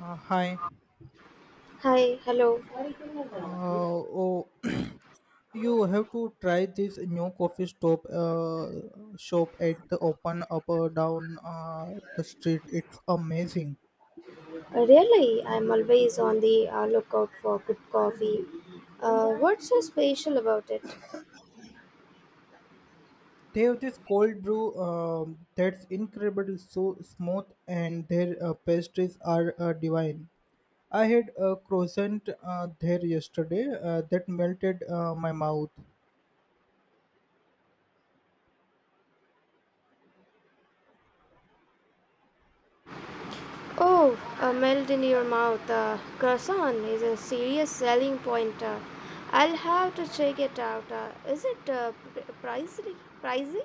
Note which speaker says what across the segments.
Speaker 1: Hi.
Speaker 2: Hi, hello.
Speaker 1: Uh, oh, you have to try this new coffee stop shop at the open up or down the street. It's amazing.
Speaker 2: Really, I'm always on the lookout for good coffee. What's so special about it?
Speaker 1: They have this cold brew that's incredible, so smooth, and their pastries are divine. I had a croissant there yesterday that melted my mouth.
Speaker 2: Oh, a melt in your mouth. Croissant is a serious selling point. I'll have to check it out. Is it pricey? pricey?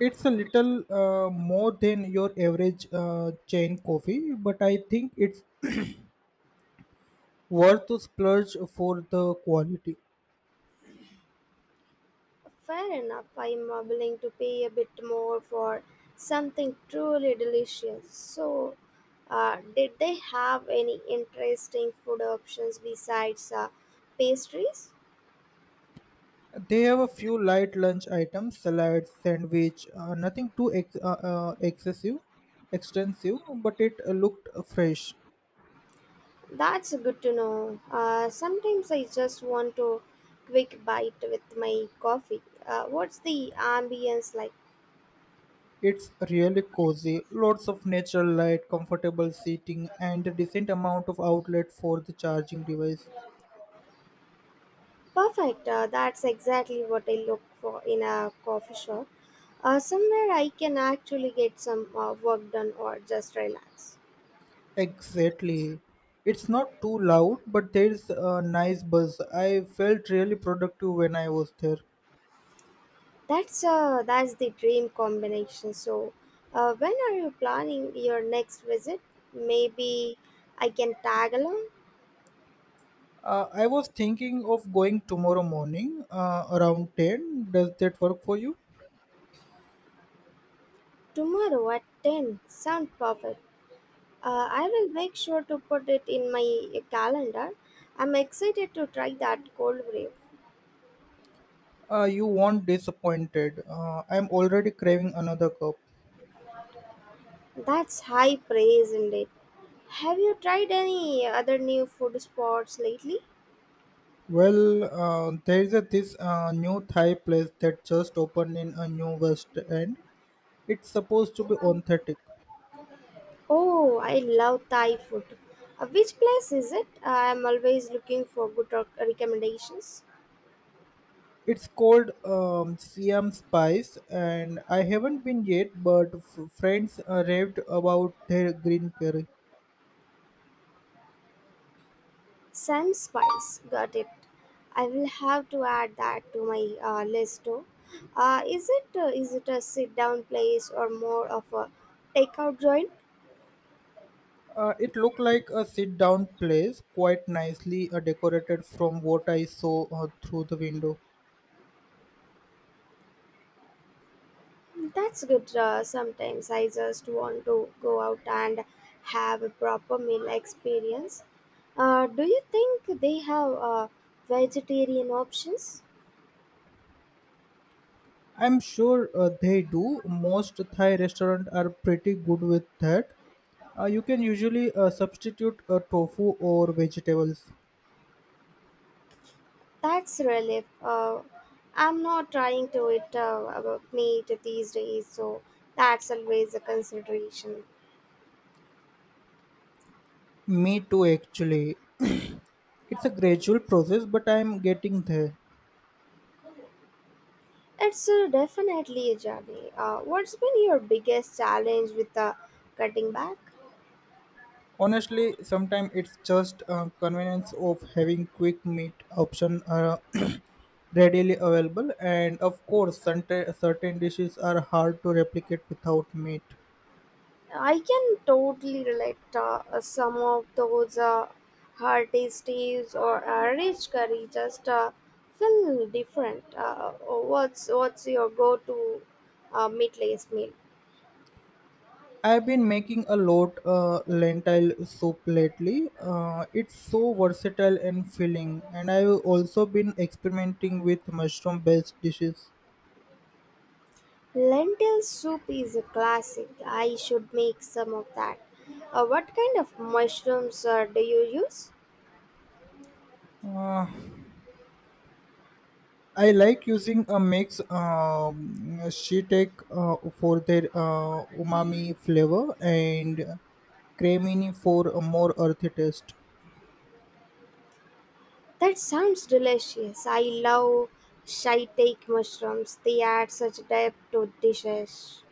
Speaker 1: It's a little more than your average chain coffee, but I think it's worth to splurge for the quality.
Speaker 2: Fair enough, I'm willing to pay a bit more for something truly delicious. So, did they have any interesting food options besides pastries?
Speaker 1: They have a few light lunch items, salad, sandwich, nothing too excessive, extensive, but it looked fresh.
Speaker 2: That's good to know. Sometimes I just want to quick bite with my coffee. What's the ambience like?
Speaker 1: It's really cozy, lots of natural light, comfortable seating, and a decent amount of outlet for the charging device.
Speaker 2: Perfect. That's exactly what I look for in a coffee shop. Somewhere I can actually get some work done or just relax.
Speaker 1: Exactly. It's not too loud, but there's a nice buzz. I felt really productive when I was there.
Speaker 2: That's the dream combination. So, when are you planning your next visit? Maybe I can tag along
Speaker 1: I was thinking of going tomorrow morning around 10. Does that work for you?
Speaker 2: tomorrow at 10. Sound perfect. I will make sure to put it in my calendar. I'm excited to try that cold brew.
Speaker 1: You won't disappointed. I'm already craving another cup.
Speaker 2: That's high praise indeed. Have you tried any other new food spots lately?
Speaker 1: Well, there is this new Thai place that just opened in a new West End. It's supposed to be authentic.
Speaker 2: Oh, I love Thai food. Which place is it? I'm always looking for good recommendations.
Speaker 1: It's called Siam Spice, and I haven't been yet, but friends raved about their green curry.
Speaker 2: Sun Spice, got it. I will have to add that to my list too. Is it a sit down place or more of a takeout joint?
Speaker 1: It looked like a sit-down place, quite nicely decorated from what I saw through the window.
Speaker 2: That's good. Sometimes I just want to go out and have a proper meal experience. Do you think they have vegetarian options?
Speaker 1: I'm sure they do. Most Thai restaurants are pretty good with that. You can usually substitute tofu or vegetables.
Speaker 2: That's relief. I'm not trying to eat about meat these days, so that's always a consideration.
Speaker 1: Me too, actually. it's a gradual process, but I'm getting there.
Speaker 2: It's definitely a journey. What's been your biggest challenge with cutting back?
Speaker 1: Honestly, sometimes it's just convenience of having quick meat option readily available, and of course, certain dishes are hard to replicate without meat.
Speaker 2: I can totally relate some of those hearty steves or rich curry just feel different. What's your go-to meatless meal?
Speaker 1: I've been making a lot lentil soup lately. It's so versatile and filling, and I've also been experimenting with mushroom-based dishes.
Speaker 2: Lentil soup is a classic. I should make some of that. What kind of mushrooms do you use?
Speaker 1: Uh, I like using a mix shiitake for their umami flavor and cremini for a more earthy taste.
Speaker 2: That sounds delicious. I love shiitake mushrooms. They add such depth to dishes.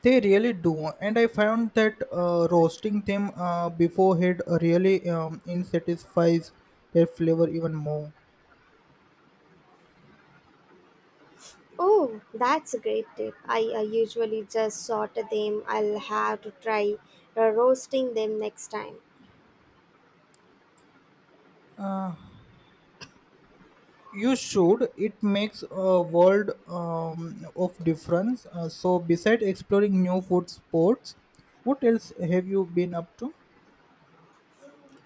Speaker 1: They really do, and I found that roasting them beforehand really insatisfies their flavor even more.
Speaker 2: Oh, that's a great tip. I usually just saute them. I'll have to try roasting them next time.
Speaker 1: You should. It makes a world of difference. So, besides exploring new food sports, what else have you been up to?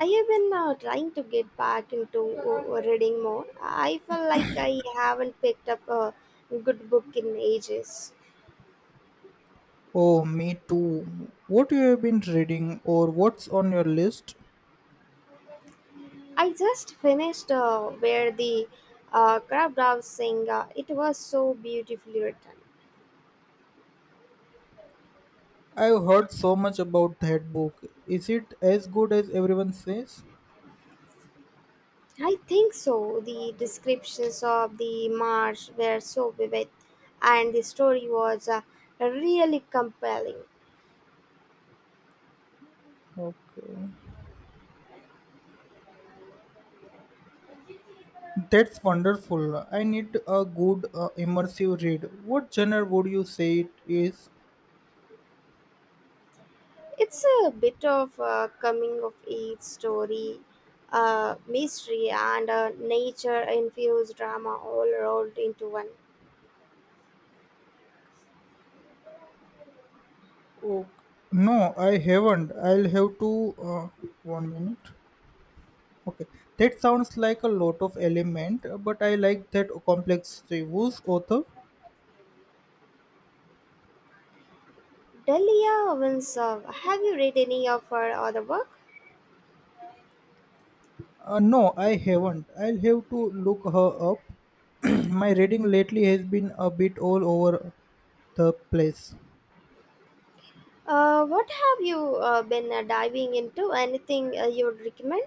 Speaker 2: I have been trying to get back into reading more. I feel like I haven't picked up a good book in ages.
Speaker 1: Oh, me too. What you have been reading or what's on your list?
Speaker 2: I just finished Where the Crab Doves Sing. It was so beautifully written.
Speaker 1: I've heard so much about that book. Is it as good as everyone says?
Speaker 2: I think so. The descriptions of the march were so vivid, and the story was really compelling.
Speaker 1: Okay. That's wonderful. I need a good immersive read. What genre would you say it is?
Speaker 2: It's a bit of a coming of age story, mystery, and a nature infused drama all rolled into one.
Speaker 1: Oh, no, I haven't. I'll have to. One minute. Okay, that sounds like a lot of element, but I like that complexity. Who's author?
Speaker 2: Delia Owens, have you read any of her other work?
Speaker 1: No, I haven't. I'll have to look her up. My reading lately has been a bit all over the place.
Speaker 2: What have you been diving into? Anything you would recommend?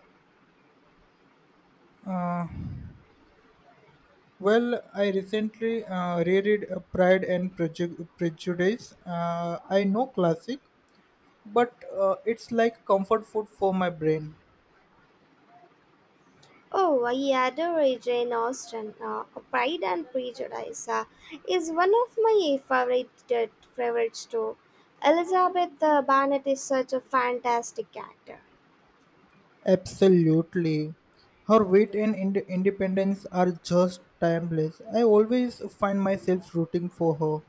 Speaker 1: Uh, well, I recently reread Prejudice. I know classic, but it's like comfort food for my brain.
Speaker 2: Oh, I adore Jane Austen. Pride and Prejudice is one of my favorites too. Elizabeth Bennet is such a fantastic character.
Speaker 1: Absolutely. Her wit and independence are just timeless. I always find myself rooting for her.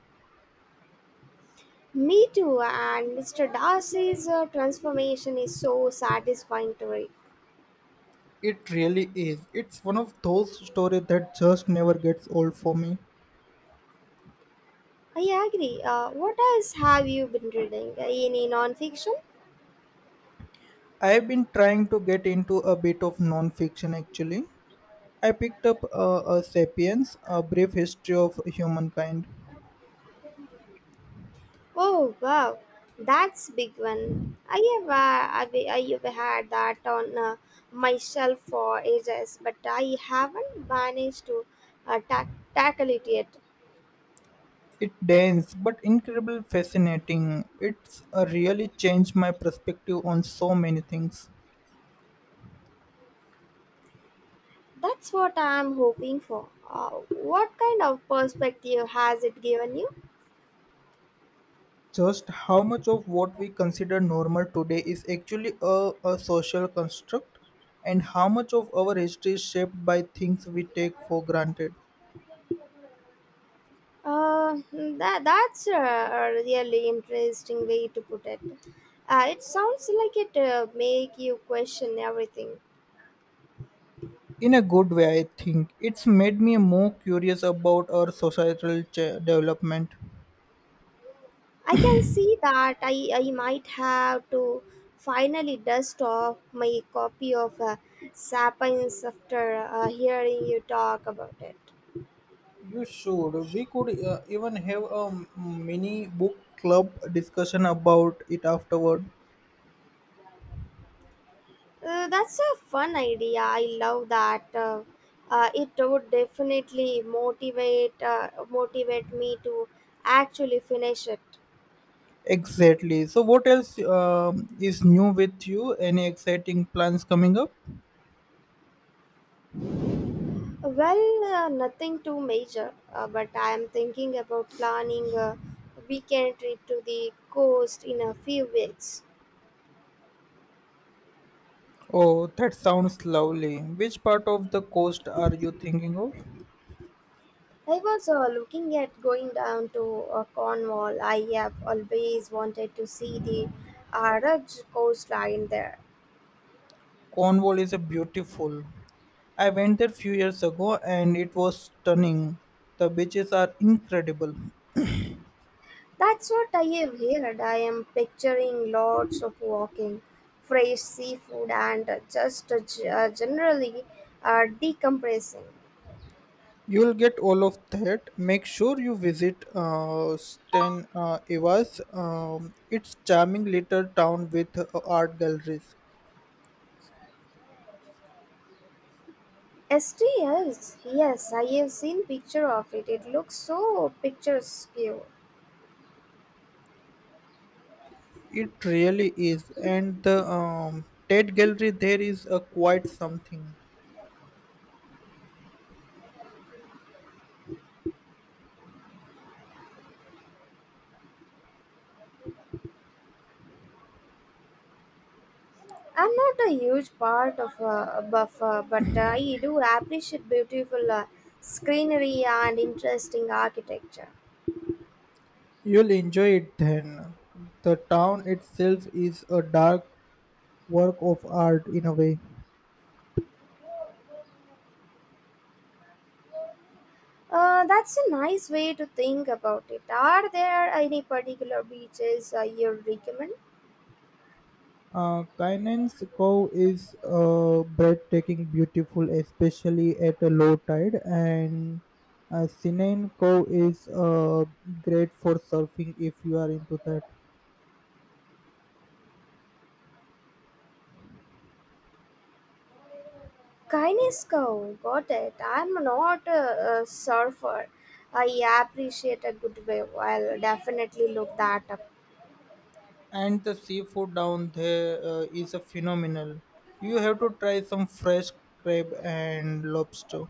Speaker 2: Me too, and Mr. Darcy's transformation is so satisfying to read.
Speaker 1: It really is. It's one of those stories that just never gets old for me.
Speaker 2: I agree. What else have you been reading? Any non-fiction?
Speaker 1: I've been trying to get into a bit of non-fiction actually. I picked up a *Sapiens: A Brief History of Humankind*.
Speaker 2: Oh wow, that's big one. I have had that on my shelf for ages, but I haven't managed to uh, tack tackle it yet.
Speaker 1: It dense but incredibly fascinating. It's really changed my perspective on so many things.
Speaker 2: That's what I'm hoping for. What kind of perspective has it given you?
Speaker 1: Just how much of what we consider normal today is actually a social construct, and how much of our history is shaped by things we take for granted?
Speaker 2: Uh, that's a really interesting way to put it. It sounds like it make you question everything.
Speaker 1: In a good way, I think. It's made me more curious about our societal development.
Speaker 2: I can see that I might have to finally dust off my copy of Sapiens after hearing you talk about it.
Speaker 1: You should. We could even have a mini book club discussion about it afterward.
Speaker 2: That's a fun idea. I love that. It would definitely motivate me to actually finish it.
Speaker 1: Exactly. So, what else is new with you? Any exciting plans coming up?
Speaker 2: Well, nothing too major, but I am thinking about planning a weekend trip to the coast in a few weeks.
Speaker 1: Oh, that sounds lovely. Which part of the coast are you thinking of?
Speaker 2: I was looking at going down to Cornwall. I have always wanted to see the Araj coastline there.
Speaker 1: Cornwall is a beautiful. I went there few years ago and it was stunning. The beaches are incredible.
Speaker 2: That's what I have heard. I am picturing lots of walking, fresh seafood, and just generally decompressing.
Speaker 1: You'll get all of that. Make sure you visit Sten Evas. It's charming little town with art galleries.
Speaker 2: STS, yes, I have seen picture of it. It looks so picturesque.
Speaker 1: It really is, and the Tate Gallery there is a quite something.
Speaker 2: I'm not a huge part of a buffer, but I do appreciate beautiful scenery and interesting architecture.
Speaker 1: You'll enjoy it then. The town itself is a dark work of art in a way.
Speaker 2: That's a nice way to think about it. Are there any particular beaches you recommend?
Speaker 1: Kainan's Cove is breathtaking, beautiful, especially at a low tide, and Sinain Cove is great for surfing if you are into that.
Speaker 2: Kainisco, got it. I'm not a surfer. I appreciate a good wave. I'll definitely look that up.
Speaker 1: And the seafood down there is a phenomenal. You have to try some fresh crab and lobster.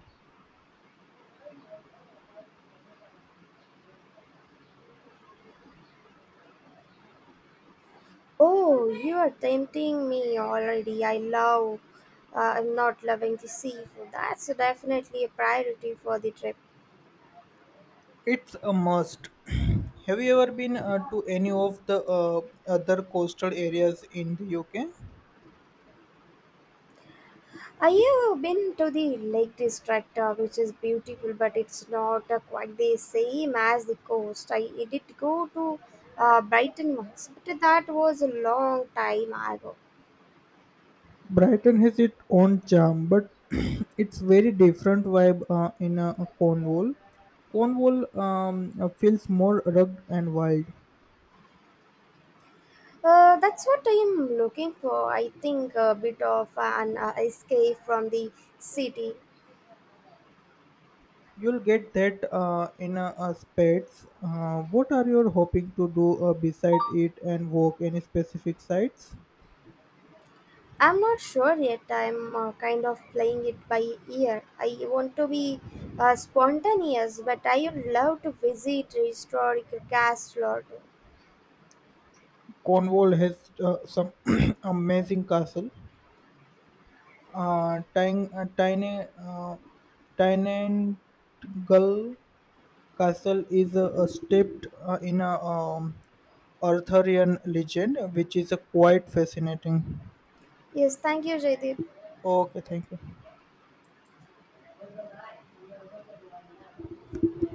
Speaker 2: Oh, you are tempting me already. I'm not loving the seafood. That's definitely a priority for the trip.
Speaker 1: It's a must. Have you ever been to any of the other coastal areas in the UK?
Speaker 2: Have you been to the Lake District, which is beautiful, but it's not quite the same as the coast? I did go to Brighton once, but that was a long time ago.
Speaker 1: Brighton has its own charm, but it's very different vibe in Cornwall. Cornwall feels more rugged and wild.
Speaker 2: That's what I'm looking for. I think a bit of an escape from the city.
Speaker 1: You'll get that in spades. What are you hoping to do beside it and walk any specific sites?
Speaker 2: I'm not sure yet. I'm kind of playing it by ear. I want to be spontaneous, but I would love to visit historic castle.
Speaker 1: Cornwall has some amazing castle. Tang- Tiny Tynangle Castle is steeped in a Arthurian legend, which is quite fascinating.
Speaker 2: Yes, thank you, Jaydeep.
Speaker 1: Okay, thank you.